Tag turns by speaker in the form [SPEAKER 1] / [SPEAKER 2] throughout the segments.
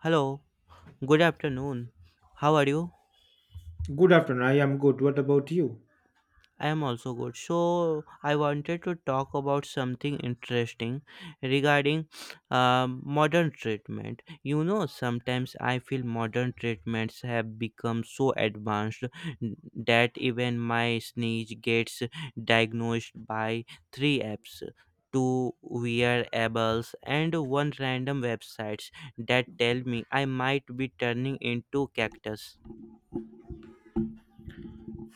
[SPEAKER 1] Hello, good afternoon. How are you?
[SPEAKER 2] Good afternoon. I am good. What about you?
[SPEAKER 1] I am also good. So, I wanted to talk about something interesting regarding modern treatment. Sometimes I feel modern treatments have become so advanced that even my sneeze gets diagnosed by three apps, two wearables and one random websites that tell me I might be turning into cactus.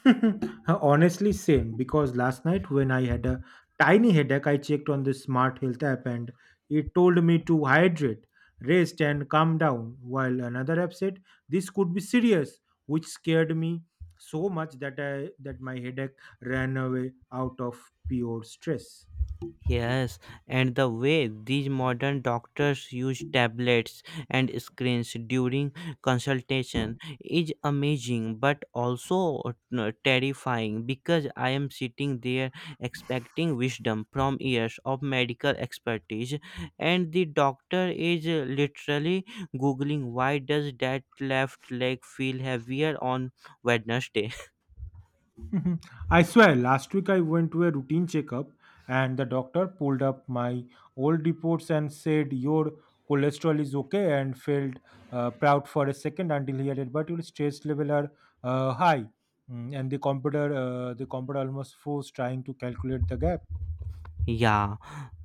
[SPEAKER 2] Honestly, same. Because last night when I had a tiny headache, I checked on the smart health app and it told me to hydrate, rest, and calm down. While another app said this could be serious, which scared me so much that I that my headache ran away out of pure stress.
[SPEAKER 1] Yes, and the way these modern doctors use tablets and screens during consultation is amazing but also terrifying, because I am sitting there expecting wisdom from years of medical expertise, and the doctor is literally googling why does that left leg feel heavier on Wednesday.
[SPEAKER 2] Mhm. I swear, last week I went to a routine checkup and the doctor pulled up my old reports and said, your cholesterol is okay, and felt proud for a second until he added, but your stress level are high. And the computer almost forced trying to calculate the gap.
[SPEAKER 1] Yeah,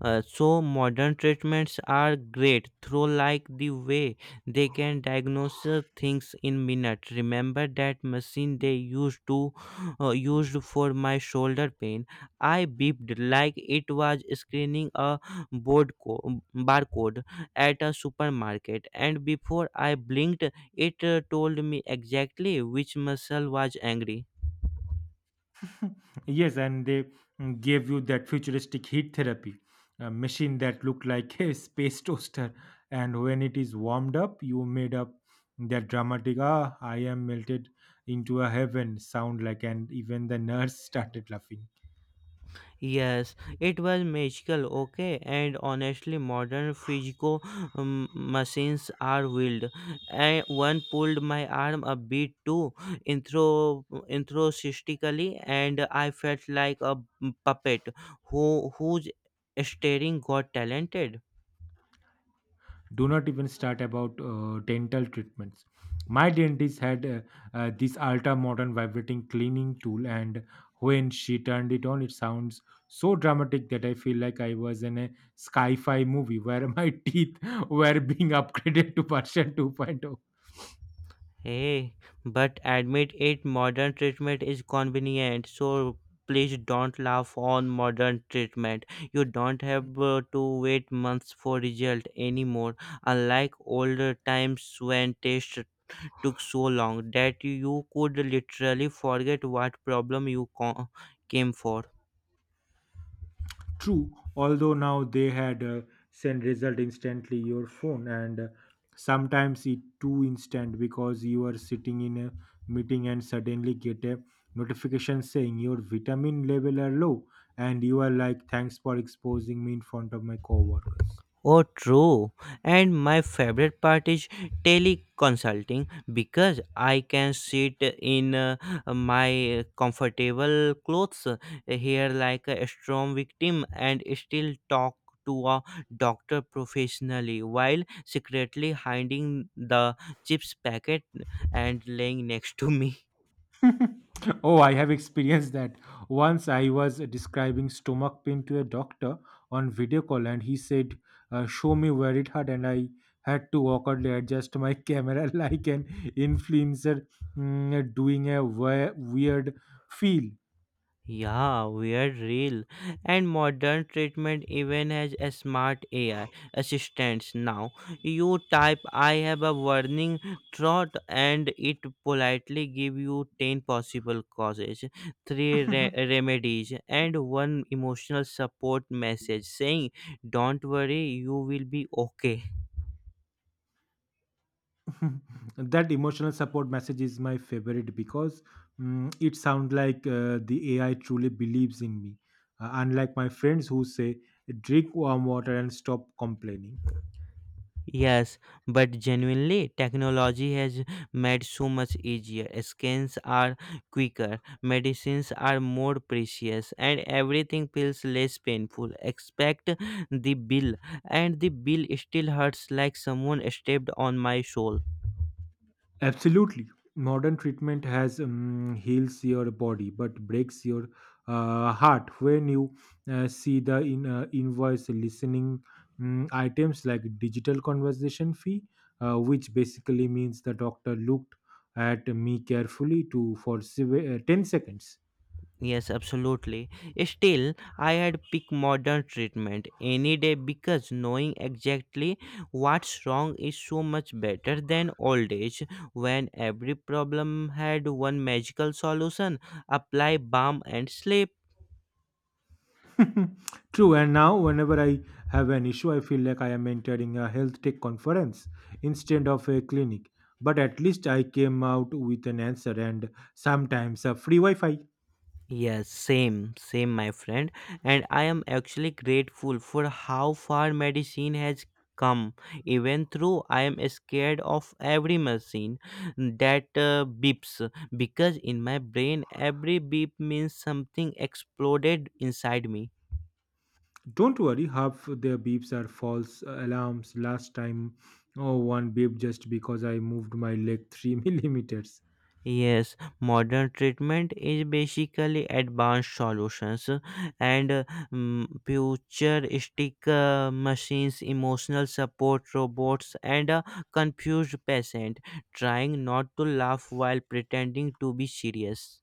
[SPEAKER 1] so modern treatments are great through, like, the way they can diagnose things in minutes. Remember that machine they used for my shoulder pain? I beeped like it was scanning a barcode at a supermarket, and before I blinked, it told me exactly which muscle was angry.
[SPEAKER 2] Yes, and they gave you that futuristic heat therapy, a machine that looked like a space toaster. And when it is warmed up, you made up that dramatic, ah, I am melted into a heaven sound like, and even the nurse started laughing.
[SPEAKER 1] Yes, it was magical, okay, and honestly, modern physical machines are wild. And one pulled my arm a bit too intro, introsistically, and I felt like a puppet whose staring got talented.
[SPEAKER 2] Do not even start about dental treatments. My dentist had this ultra modern vibrating cleaning tool, and when she turned it on, it sounds so dramatic that I feel like I was in a sci-fi movie where my teeth were being upgraded to version 2.0.
[SPEAKER 1] Hey, but admit it, modern treatment is convenient. So please don't laugh on modern treatment. You don't have to wait months for result anymore. Unlike older times when tests took so long that you could literally forget what problem you came for.
[SPEAKER 2] True, although now they had send result instantly your phone, and sometimes it too instant because you are sitting in a meeting and suddenly get a notification saying your vitamin level are low, and you are like, thanks for exposing me in front of my coworkers.
[SPEAKER 1] Oh, true. And my favorite part is teleconsulting, because I can sit in my comfortable clothes here like a storm victim and still talk to a doctor professionally while secretly hiding the chips packet and laying next to me.
[SPEAKER 2] Oh, I have experienced that. Once I was describing stomach pain to a doctor on video call, and he said, "Show me where it hurt," and I had to awkwardly adjust my camera like an influencer doing a weird feel.
[SPEAKER 1] Yeah, weird real. And modern treatment even has a smart AI assistants now. You type I have a warning thought and it politely give you 10 possible causes, three remedies and one emotional support message saying don't worry you will be okay.
[SPEAKER 2] That emotional support message is my favorite because it sounds like the AI truly believes in me, unlike my friends who say, "Drink warm water and stop complaining."
[SPEAKER 1] Yes, but genuinely, technology has made so much easier. Scans are quicker, medicines are more precious, and everything feels less painful. Expect the bill, and the bill still hurts like someone stepped on my soul.
[SPEAKER 2] Absolutely. Modern treatment has heals your body but breaks your heart. When you see the invoice listening items like digital conversation fee, which basically means the doctor looked at me carefully to for 10 seconds.
[SPEAKER 1] Yes, absolutely. Still, I had picked modern treatment any day, because knowing exactly what's wrong is so much better than old age when every problem had one magical solution: apply balm and sleep.
[SPEAKER 2] True, and now whenever I have an issue, I feel like I am entering a health tech conference instead of a clinic. But at least I came out with an answer and sometimes a free Wi Fi.
[SPEAKER 1] Yes, same, same, my friend. And I am actually grateful for how far medicine has come. Even though I am scared of every machine that beeps, because in my brain, every beep means something exploded inside me.
[SPEAKER 2] Don't worry, half their beeps are false alarms. Last time, oh, one beep just because I moved my leg 3 millimeters.
[SPEAKER 1] Yes, modern treatment is basically advanced solutions and futuristic machines, emotional support robots, and a confused patient trying not to laugh while pretending to be serious.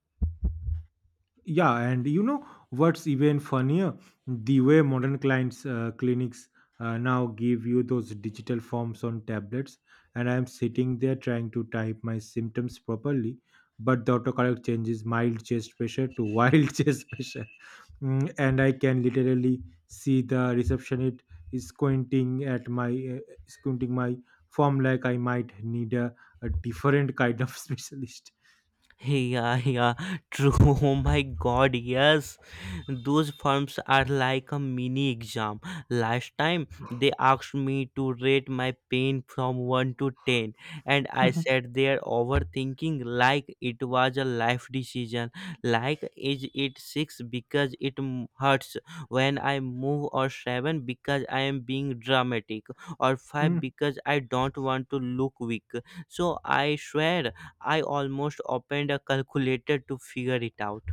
[SPEAKER 2] Yeah, and you know what's even funnier? The way modern clients clinics now give you those digital forms on tablets, and I'm sitting there trying to type my symptoms properly, but the autocorrect changes mild chest pressure to wild chest pressure. And I can literally see the receptionist is squinting at my squinting my form like I might need a different kind of specialist.
[SPEAKER 1] Yeah, yeah, true. Oh my god, yes. Those forms are like a mini exam. Last time they asked me to rate my pain from 1 to 10, and I sat there overthinking like it was a life decision. Like, is it 6 because it hurts when I move, or 7 because I am being dramatic, or 5
[SPEAKER 2] Mm.
[SPEAKER 1] because I don't want to look weak. So I swear I almost opened a calculator to figure it out.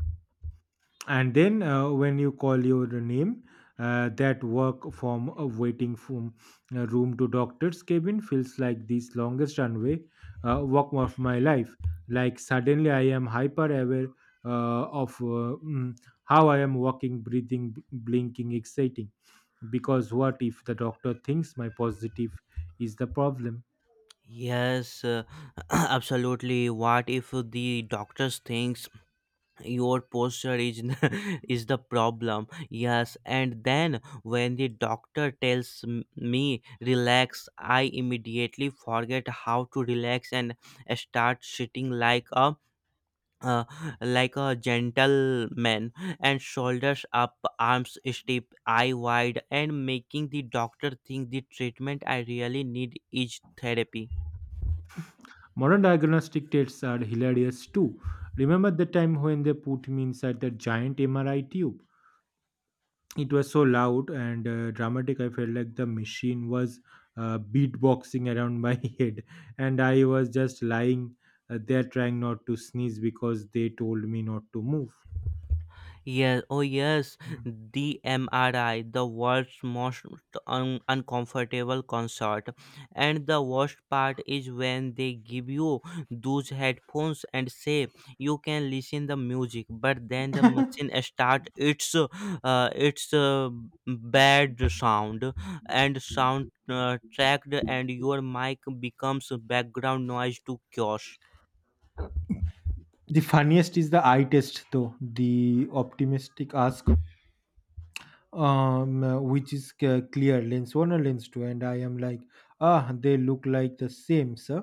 [SPEAKER 2] And then when you call your name, that work from waiting from room to doctor's cabin feels like this longest runway walk of my life. Like suddenly I am hyper aware uh, of uh, mm, how I am walking, breathing, blinking, exciting, because what if the doctor thinks my positive is the problem?
[SPEAKER 1] Yes, absolutely. What if the doctors thinks your posture is is the problem? Yes, and then when the doctor tells me relax, I immediately forget how to relax and start sitting like a uh, gentleman and shoulders up, arms stiff, eye wide, and making the doctor think the treatment I really need is therapy.
[SPEAKER 2] Modern diagnostic tests are hilarious too. Remember the time when they put me inside the giant MRI tube? It was so loud and dramatic, I felt like the machine was beatboxing around my head, and I was just lying there trying not to sneeze because they told me not to move.
[SPEAKER 1] Yes, oh yes, the MRI, the world's most uncomfortable concert. And the worst part is when they give you those headphones and say you can listen the music, but then the machine start its bad sound and sound tracked and your mic becomes background noise to chaos.
[SPEAKER 2] The funniest is the eye test, though. The optimistic ask which is clear lens one or lens two, and I am like, ah, they look like the same, sir.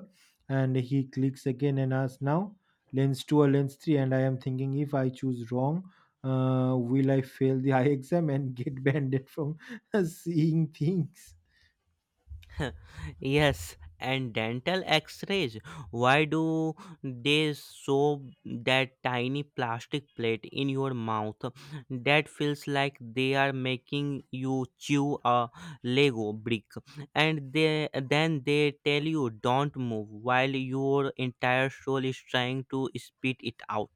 [SPEAKER 2] And he clicks again and asks, now lens two or lens three, and I am thinking, if I choose wrong, will I fail the eye exam and get banned from seeing things?
[SPEAKER 1] Yes, and dental x rays. Why do they show that tiny plastic plate in your mouth that feels like they are making you chew a Lego brick? And then they tell you don't move while your entire soul is trying to spit it out.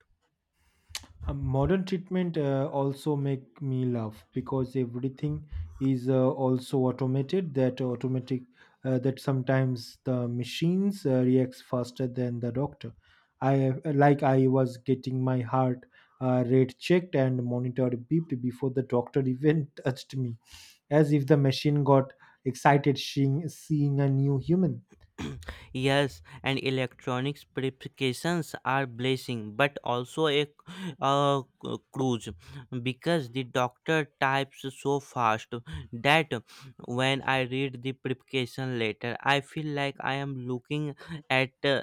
[SPEAKER 2] Modern treatment also make me laugh because everything is also automated, that automatic that sometimes the machines reacts faster than the doctor. I Like I was getting my heart rate checked and monitored, beeped before the doctor even touched me, as if the machine got excited seeing a new human.
[SPEAKER 1] Yes, and electronics preparations are blessing, but also a cruise, because the doctor types so fast that when I read the preparation letter, I feel like I am looking at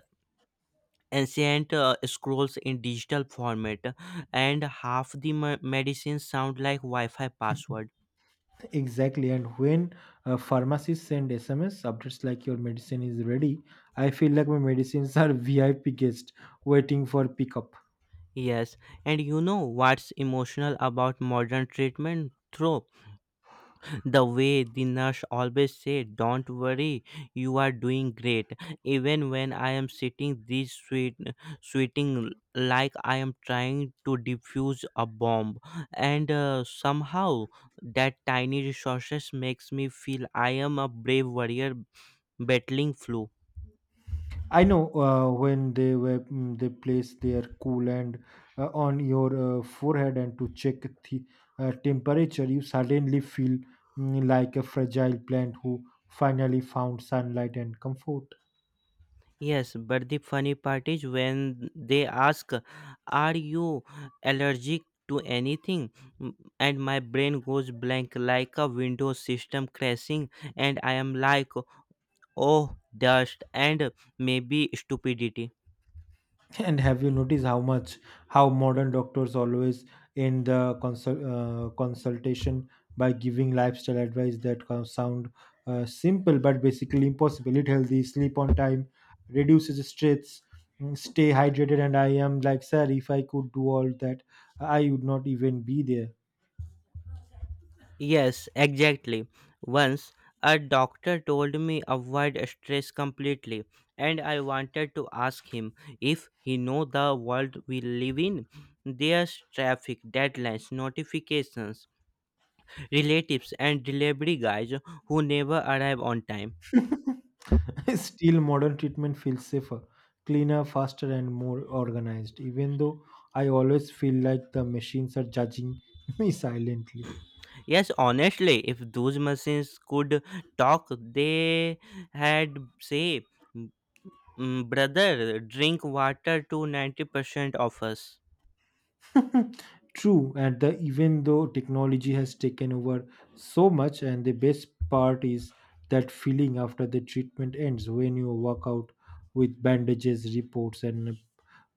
[SPEAKER 1] ancient scrolls in digital format, and half the medicines sound like Wi-Fi password.
[SPEAKER 2] Exactly, and when pharmacists send SMS updates like your medicine is ready, I feel like my medicines are VIP guests waiting for pickup.
[SPEAKER 1] Yes, and you know what's emotional about modern treatment? Through The way the nurse always said, don't worry, you are doing great, even when I am sitting this sweet sweating like I am trying to defuse a bomb. And somehow that tiny resources makes me feel I am a brave warrior battling flu.
[SPEAKER 2] I know when they were they place their coolant on your forehead and to check the temperature, you suddenly feel like a fragile plant who finally found sunlight and comfort.
[SPEAKER 1] Yes, but the funny part is when they ask, are you allergic to anything? And my brain goes blank like a Windows system crashing, and I am like, oh, dust and maybe stupidity.
[SPEAKER 2] And have you noticed how much, how modern doctors always end the consultation by giving lifestyle advice that can sound simple but basically impossible? Eat healthy, sleep on time, reduces stress, stay hydrated. And I am like, sir, if I could do all that, I would not even be there.
[SPEAKER 1] Yes, exactly. Once a doctor told me avoid stress completely, and I wanted to ask him if he know the world we live in. There's traffic, deadlines, notifications, relatives and delivery guys who never arrive on time.
[SPEAKER 2] Still, modern treatment feels safer, cleaner, faster, and more organized. Even though I always feel like the machines are judging me silently.
[SPEAKER 1] Yes, honestly, if those machines could talk, they had say, "Mm, brother, drink water to 90% of us."
[SPEAKER 2] True, and the, even though technology has taken over so much, and the best part is that feeling after the treatment ends when you walk out with bandages, reports, and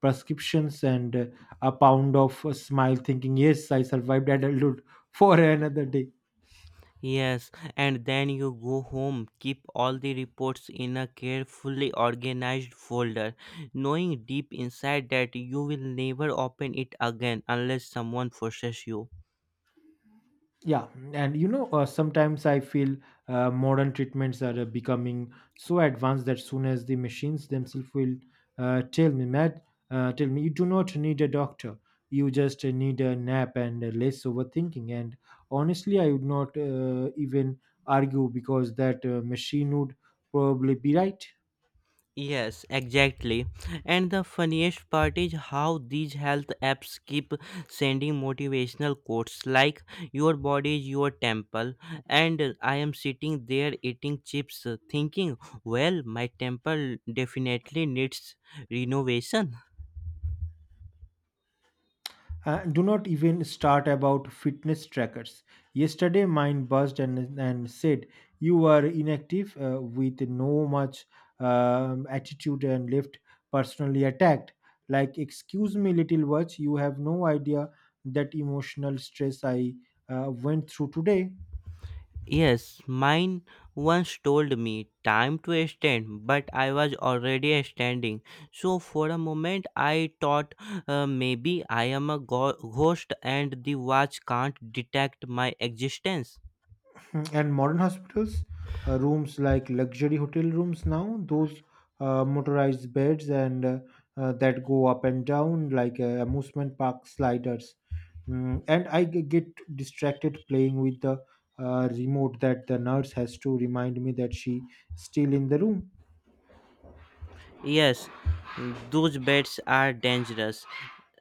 [SPEAKER 2] prescriptions, and a pound of a smile, thinking, yes, I survived adulthood for another day.
[SPEAKER 1] Yes, and then you go home, keep all the reports in a carefully organized folder, knowing deep inside that you will never open it again unless someone forces you.
[SPEAKER 2] Yeah, and you know, sometimes I feel modern treatments are becoming so advanced that soon as the machines themselves will tell me, Matt, tell me, you do not need a doctor. You just need a nap and less overthinking. And honestly, I would not even argue because that machine would probably be right.
[SPEAKER 1] Yes, exactly. And the funniest part is how these health apps keep sending motivational quotes like your body is your temple, and I am sitting there eating chips thinking, well, my temple definitely needs renovation.
[SPEAKER 2] And do not even start about fitness trackers. Yesterday, mine buzzed and said, you are inactive with no much attitude and left personally attacked. Like, excuse me, little watch, you have no idea that emotional stress I went through today.
[SPEAKER 1] Yes, mine once told me time to stand, but I was already standing. So for a moment I thought maybe I am a ghost and the watch can't detect my existence.
[SPEAKER 2] And modern hospitals, rooms like luxury hotel rooms now, those motorized beds and that go up and down like amusement park sliders. And I get distracted playing with the remote, that the nurse has to remind me that she still in the room.
[SPEAKER 1] Yes, those bets are dangerous.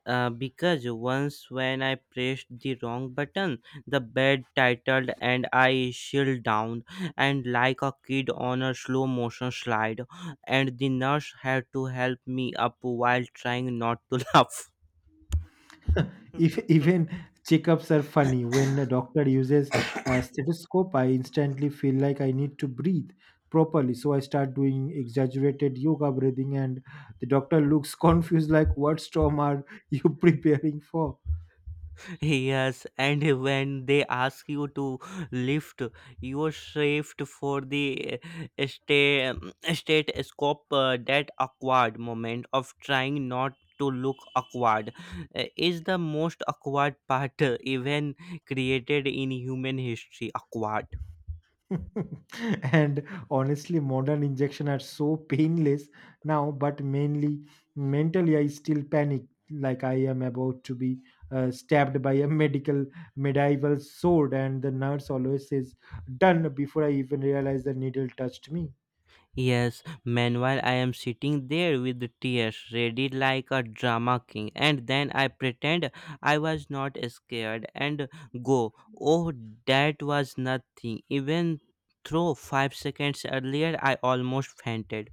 [SPEAKER 1] Because once when I pressed the wrong button, the bed titled and I shield down and like a kid on a slow motion slide, and the nurse had to help me up while trying not to laugh.
[SPEAKER 2] If, even checkups are funny. When a doctor uses a stethoscope, I instantly feel like I need to breathe properly. So I start doing exaggerated yoga breathing, and the doctor looks confused like, what storm are you preparing for?
[SPEAKER 1] Yes, and when they ask you to lift your shift for the state state scope, that awkward moment of trying not to look awkward is the most awkward part even created in human history. Awkward.
[SPEAKER 2] And honestly, modern injection are so painless now, but mainly mentally, I still panic like I am about to be stabbed by a medical medieval sword, and the nurse always says "done" before I even realize the needle touched me.
[SPEAKER 1] Yes, meanwhile I am sitting there with the tears ready like a drama king, and then I pretend I was not scared and go, oh, that was nothing. Even though 5 seconds earlier I almost fainted.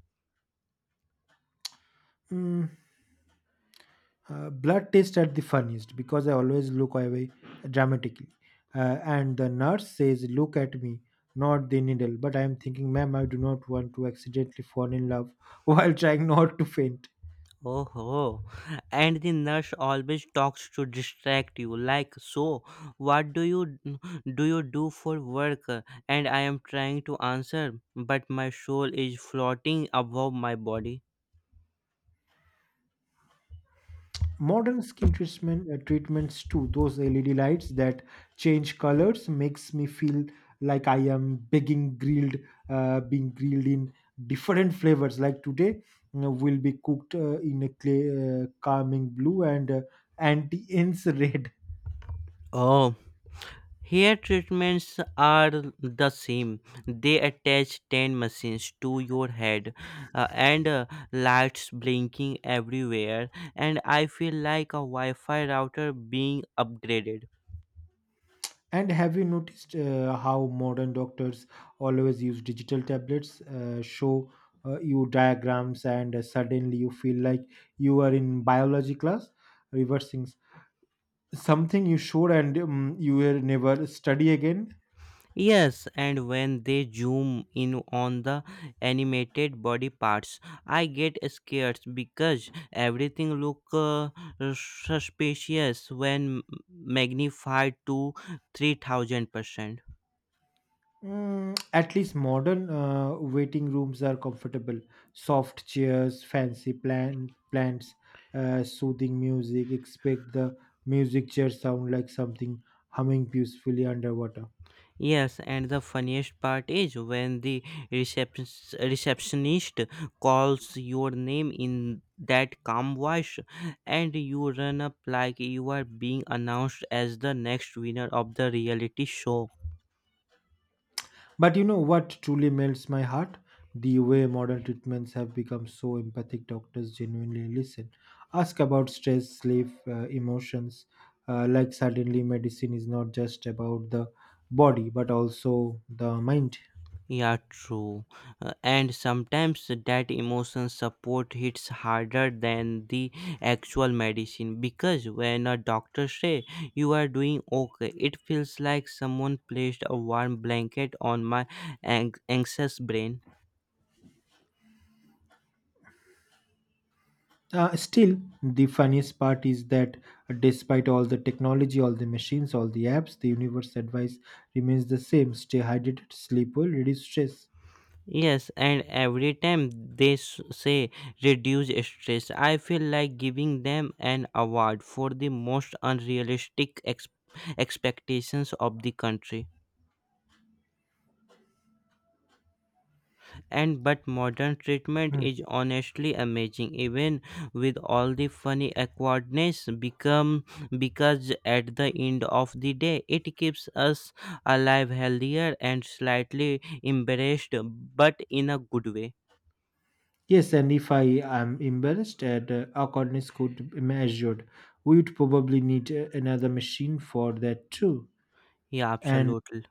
[SPEAKER 2] Mm, Blood test at the funniest because I always look away dramatically. And the nurse says, look at me, not the needle. But I am thinking, ma'am, I do not want to accidentally fall in love while trying not to faint.
[SPEAKER 1] Oh, ho. And the nurse always talks to distract you, like, so what do you do for work? And I am trying to answer, but my soul is floating above my body.
[SPEAKER 2] Modern skin treatments too, those LED lights that change colors makes me feel like I am being grilled in different flavors. Like today, you know, will be cooked in a clear calming blue and anti-ants red.
[SPEAKER 1] Oh, hair treatments are the same. They attach 10 machines to your head and lights blinking everywhere, and I feel like a Wi Fi router being upgraded.
[SPEAKER 2] And have you noticed how modern doctors always use digital tablets show you diagrams, and suddenly you feel like you are in biology class reversing something you should, and you will never study again.
[SPEAKER 1] Yes, and when they zoom in on the animated body parts, I get scared because everything look suspicious when magnified to 3,000%.
[SPEAKER 2] At least modern waiting rooms are comfortable. Soft chairs, fancy plants, soothing music. Expect the music chair sound like something humming peacefully underwater.
[SPEAKER 1] Yes, and the funniest part is when the reception- receptionist calls your name in that calm voice, and you run up like you are being announced as the next winner of the reality show.
[SPEAKER 2] But you know what truly melts my heart? The way modern treatments have become so empathic, doctors genuinely listen, ask about stress, sleep, emotions. Like, suddenly, medicine is not just about the body but also the mind.
[SPEAKER 1] Yeah, true. And sometimes that emotion support hits harder than the actual medicine, because when a doctor say you are doing okay, it feels like someone placed a warm blanket on my anxious brain.
[SPEAKER 2] Still, the funniest part is that despite all the technology, all the machines, all the apps, the universe advice remains the same: stay hydrated, sleep well, reduce stress.
[SPEAKER 1] Yes, and every time they say reduce stress, I feel like giving them an award for the most unrealistic expectations of the country. And but modern treatment
[SPEAKER 2] Hmm.
[SPEAKER 1] is honestly amazing, even with all the funny awkwardness become, because at the end of the day it keeps us alive, healthier and slightly embarrassed, but in a good way.
[SPEAKER 2] Yes, and if I am embarrassed at awkwardness could be measured, we would probably need another machine for that too.
[SPEAKER 1] Yeah,
[SPEAKER 2] And
[SPEAKER 1] absolutely.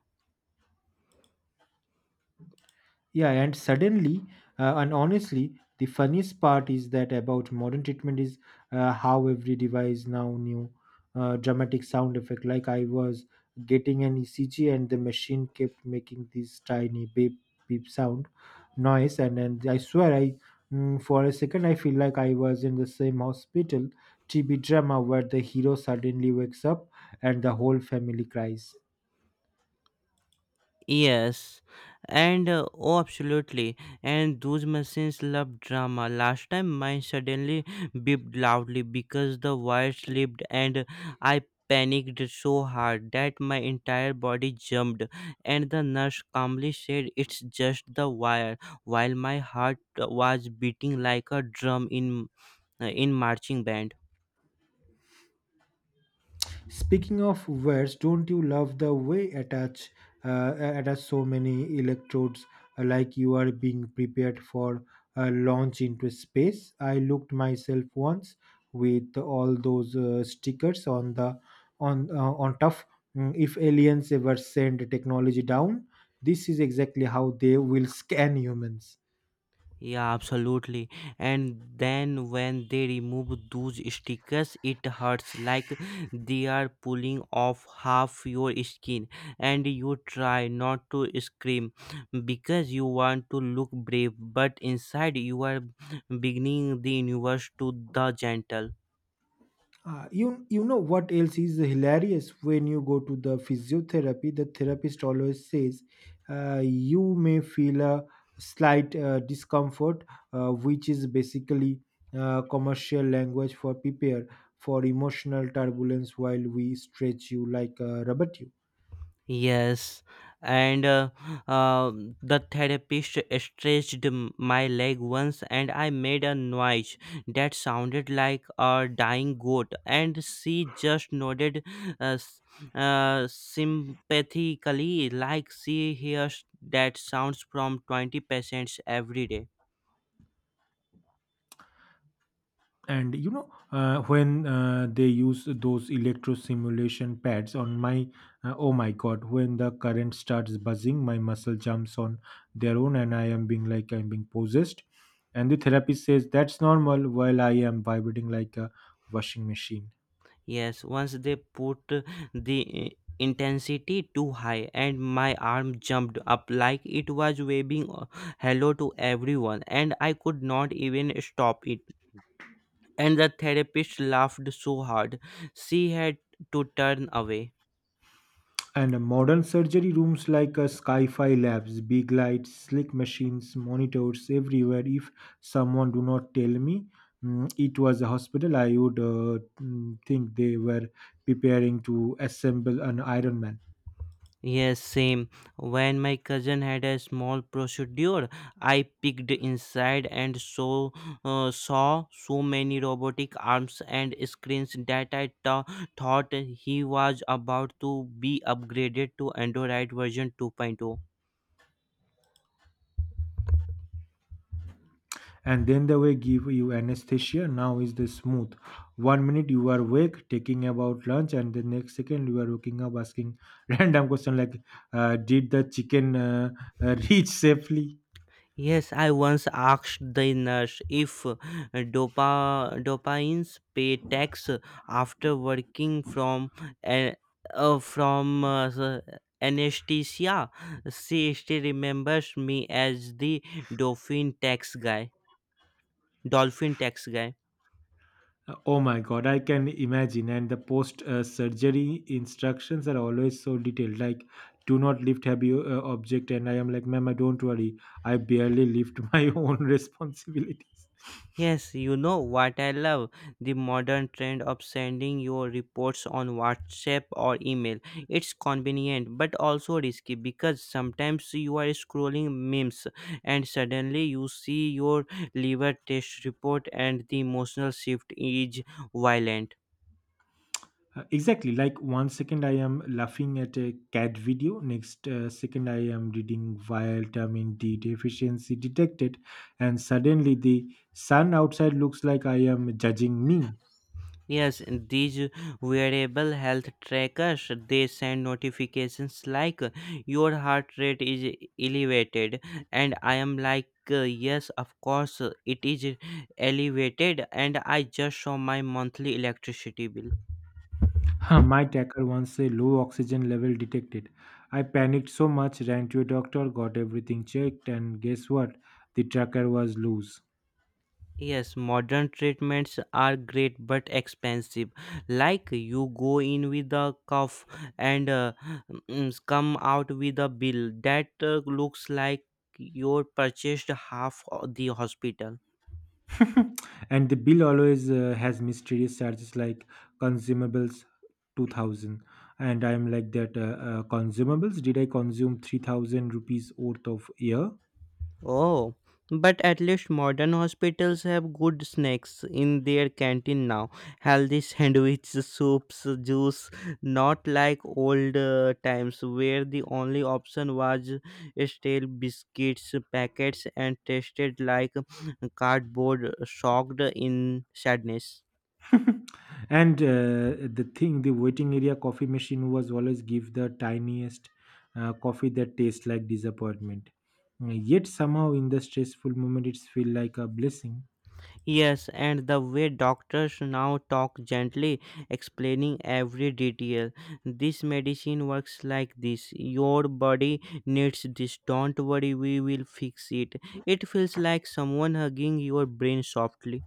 [SPEAKER 2] yeah, and suddenly, and honestly, the funniest part is that about modern treatment is how every device now new dramatic sound effect. Like I was getting an ECG, and the machine kept making this tiny beep beep sound noise, and then I swear I. For a second, I feel like I was in the same hospital TB drama where the hero suddenly wakes up and the whole family cries.
[SPEAKER 1] Yes, and oh, absolutely. And those machines love drama. Last time mine suddenly beeped loudly because the wire slipped, and I panicked so hard that my entire body jumped. And the nurse calmly said, it's just the wire, while my heart was beating like a drum in marching band.
[SPEAKER 2] Speaking of wires, don't you love the way attach attach so many electrodes, like you are being prepared for a launch into space? I looked myself once with all those stickers on the on tough. If aliens ever send technology down, this is exactly how they will scan humans.
[SPEAKER 1] Yeah, absolutely. And then when they remove those stickers, it hurts like they are pulling off half your skin, and you try not to scream because you want to look brave, but inside you are beginning the universe to the gentle.
[SPEAKER 2] You know what else is hilarious when you go to the physiotherapy, the therapist always says, "You may feel a slight discomfort," which is basically commercial language for prepare for emotional turbulence while we stretch you like a rubber tube.
[SPEAKER 1] Yes, and the therapist stretched my leg once, and I made a noise that sounded like a dying goat, and she just nodded uh, s- sympathetically, like she hears that sounds from 20 patients every day.
[SPEAKER 2] And you know, when they use those electro simulation pads on my, oh my god, when the current starts buzzing, my muscle jumps on their own and I am being like I'm being possessed, and the therapist says that's normal while I am vibrating like a washing machine.
[SPEAKER 1] Yes, once they put the intensity too high, and my arm jumped up like it was waving hello to everyone, and I could not even stop it. And the therapist laughed so hard, she had to turn away.
[SPEAKER 2] And modern surgery rooms like, Sky-Fi labs, big lights, slick machines, monitors everywhere. If someone do not tell me, it was a hospital, I would, think they were preparing to assemble an Iron Man.
[SPEAKER 1] Yes, same. When my cousin had a small procedure, I peeked inside and saw so many robotic arms and screens that I thought he was about to be upgraded to Android version 2.0.
[SPEAKER 2] And then they will give you anesthesia. Now is the smooth. One minute you are awake, taking about lunch, and the next second you are waking up asking random question like, "Did the chicken reach safely?"
[SPEAKER 1] Yes, I once asked the nurse if dopamines pay tax after working a- from the anesthesia. She still remembers me as the dolphin tax guy. Dolphin tax guy.
[SPEAKER 2] Oh my god, I can imagine. And the post surgery instructions are always so detailed. Like, do not lift heavy object. And I am like, ma'am, I don't worry. I barely lift my own responsibilities.
[SPEAKER 1] Yes, you know what I love? The modern trend of sending your reports on WhatsApp or email. It's convenient but also risky, because sometimes you are scrolling memes and suddenly you see your liver test report and the emotional shift is violent.
[SPEAKER 2] Exactly. Like one second I am laughing at a cat video. Next second I am reading vitamin D deficiency detected, and suddenly the sun outside looks like I am judging me.
[SPEAKER 1] Yes, and these wearable health trackers, they send notifications like your heart rate is elevated, and I am like, yes, of course, it is elevated, and I just saw my monthly electricity bill.
[SPEAKER 2] Huh, my tracker once a low oxygen level detected. I panicked so much, ran to a doctor, got everything checked, and guess what? The tracker was loose.
[SPEAKER 1] Yes, modern treatments are great but expensive. Like you go in with a cough and come out with a bill that looks like you purchased half the hospital.
[SPEAKER 2] And the bill always has mysterious charges like consumables 2000. And I'm like that consumables? Did I consume 3000 rupees worth of air?
[SPEAKER 1] Oh, but at least modern hospitals have good snacks in their canteen now. Healthy sandwiches, soups, juice, not like old times where the only option was stale biscuits packets and tasted like cardboard, shocked in sadness.
[SPEAKER 2] And the thing the waiting area coffee machine was always give the tiniest coffee that tastes like disappointment. Yet somehow in the stressful moment it's feel like a blessing.
[SPEAKER 1] Yes, and the way doctors now talk gently, explaining every detail. This medicine works like this. Your body needs this. Don't worry, we will fix it. It feels like someone hugging your brain softly.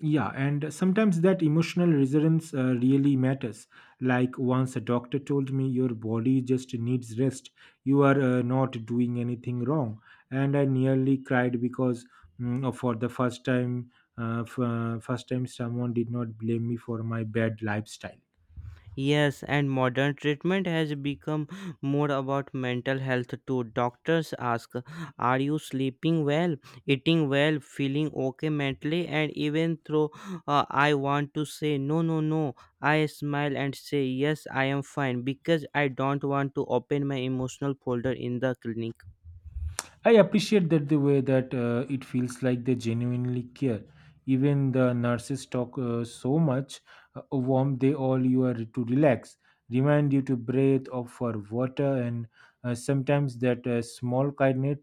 [SPEAKER 2] Yeah, and sometimes that emotional resilience really matters. Like once a doctor told me your body just needs rest, you are not doing anything wrong, and I nearly cried because, for the first time, first time someone did not blame me for my bad lifestyle.
[SPEAKER 1] Yes, and modern treatment has become more about mental health too. Doctors ask, are you sleeping well, eating well, feeling okay mentally? And even though I want to say, no, no, no, I smile and say, yes, I am fine, because I don't want to open my emotional folder in the clinic.
[SPEAKER 2] I appreciate that, the way that it feels like they genuinely care. Even the nurses talk so much warm, they all you are to relax, remind you to breathe or for water, and sometimes that small kindness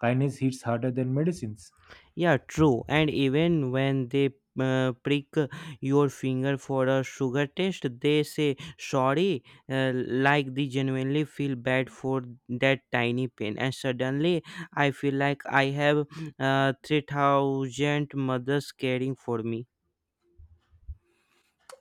[SPEAKER 2] kindness hits harder than medicines.
[SPEAKER 1] Yeah, true. And even when they prick your finger for a sugar test, they say sorry, like they genuinely feel bad for that tiny pain. And suddenly, I feel like I have 3,000 mothers caring for me.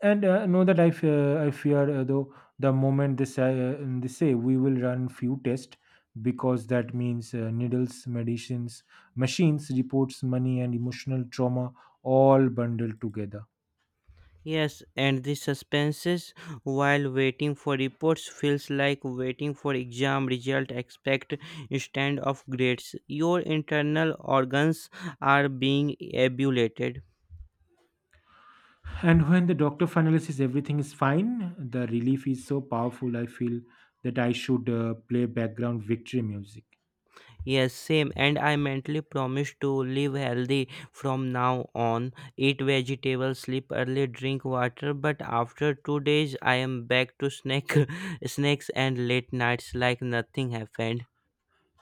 [SPEAKER 2] And know that I, I fear though the moment this they say we will run few tests, because that means needles, medicines, machines, reports, money, and emotional trauma all bundled together.
[SPEAKER 1] Yes, and the suspenses while waiting for reports feels like waiting for exam result. Expect stand of grades. Your internal organs are being abulated.
[SPEAKER 2] And when the doctor finally says everything is fine, the relief is so powerful. I feel that I should play background victory music,
[SPEAKER 1] Yes, same. And I mentally promise to live healthy from now on. Eat vegetables, sleep early, drink water. But after 2 days, I am back to snack, snacks and late nights like nothing happened.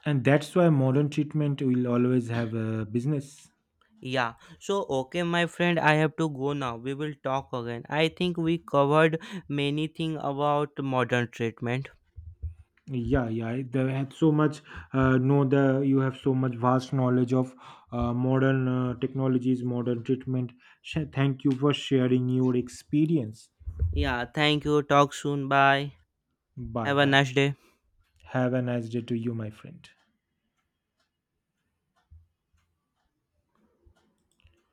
[SPEAKER 2] and that's why modern treatment will always have a business.
[SPEAKER 1] Yeah, so okay, my friend, I have to go now. We will talk again. I think we covered many things about modern treatment.
[SPEAKER 2] Yeah, yeah. I- They had so much. Know the you have so much vast knowledge of modern technologies, modern treatment. Thank you for sharing your experience.
[SPEAKER 1] Yeah, thank you. Talk soon. Bye.
[SPEAKER 2] Bye
[SPEAKER 1] Have a
[SPEAKER 2] bye.
[SPEAKER 1] nice day.
[SPEAKER 2] Have a nice day to you, my friend.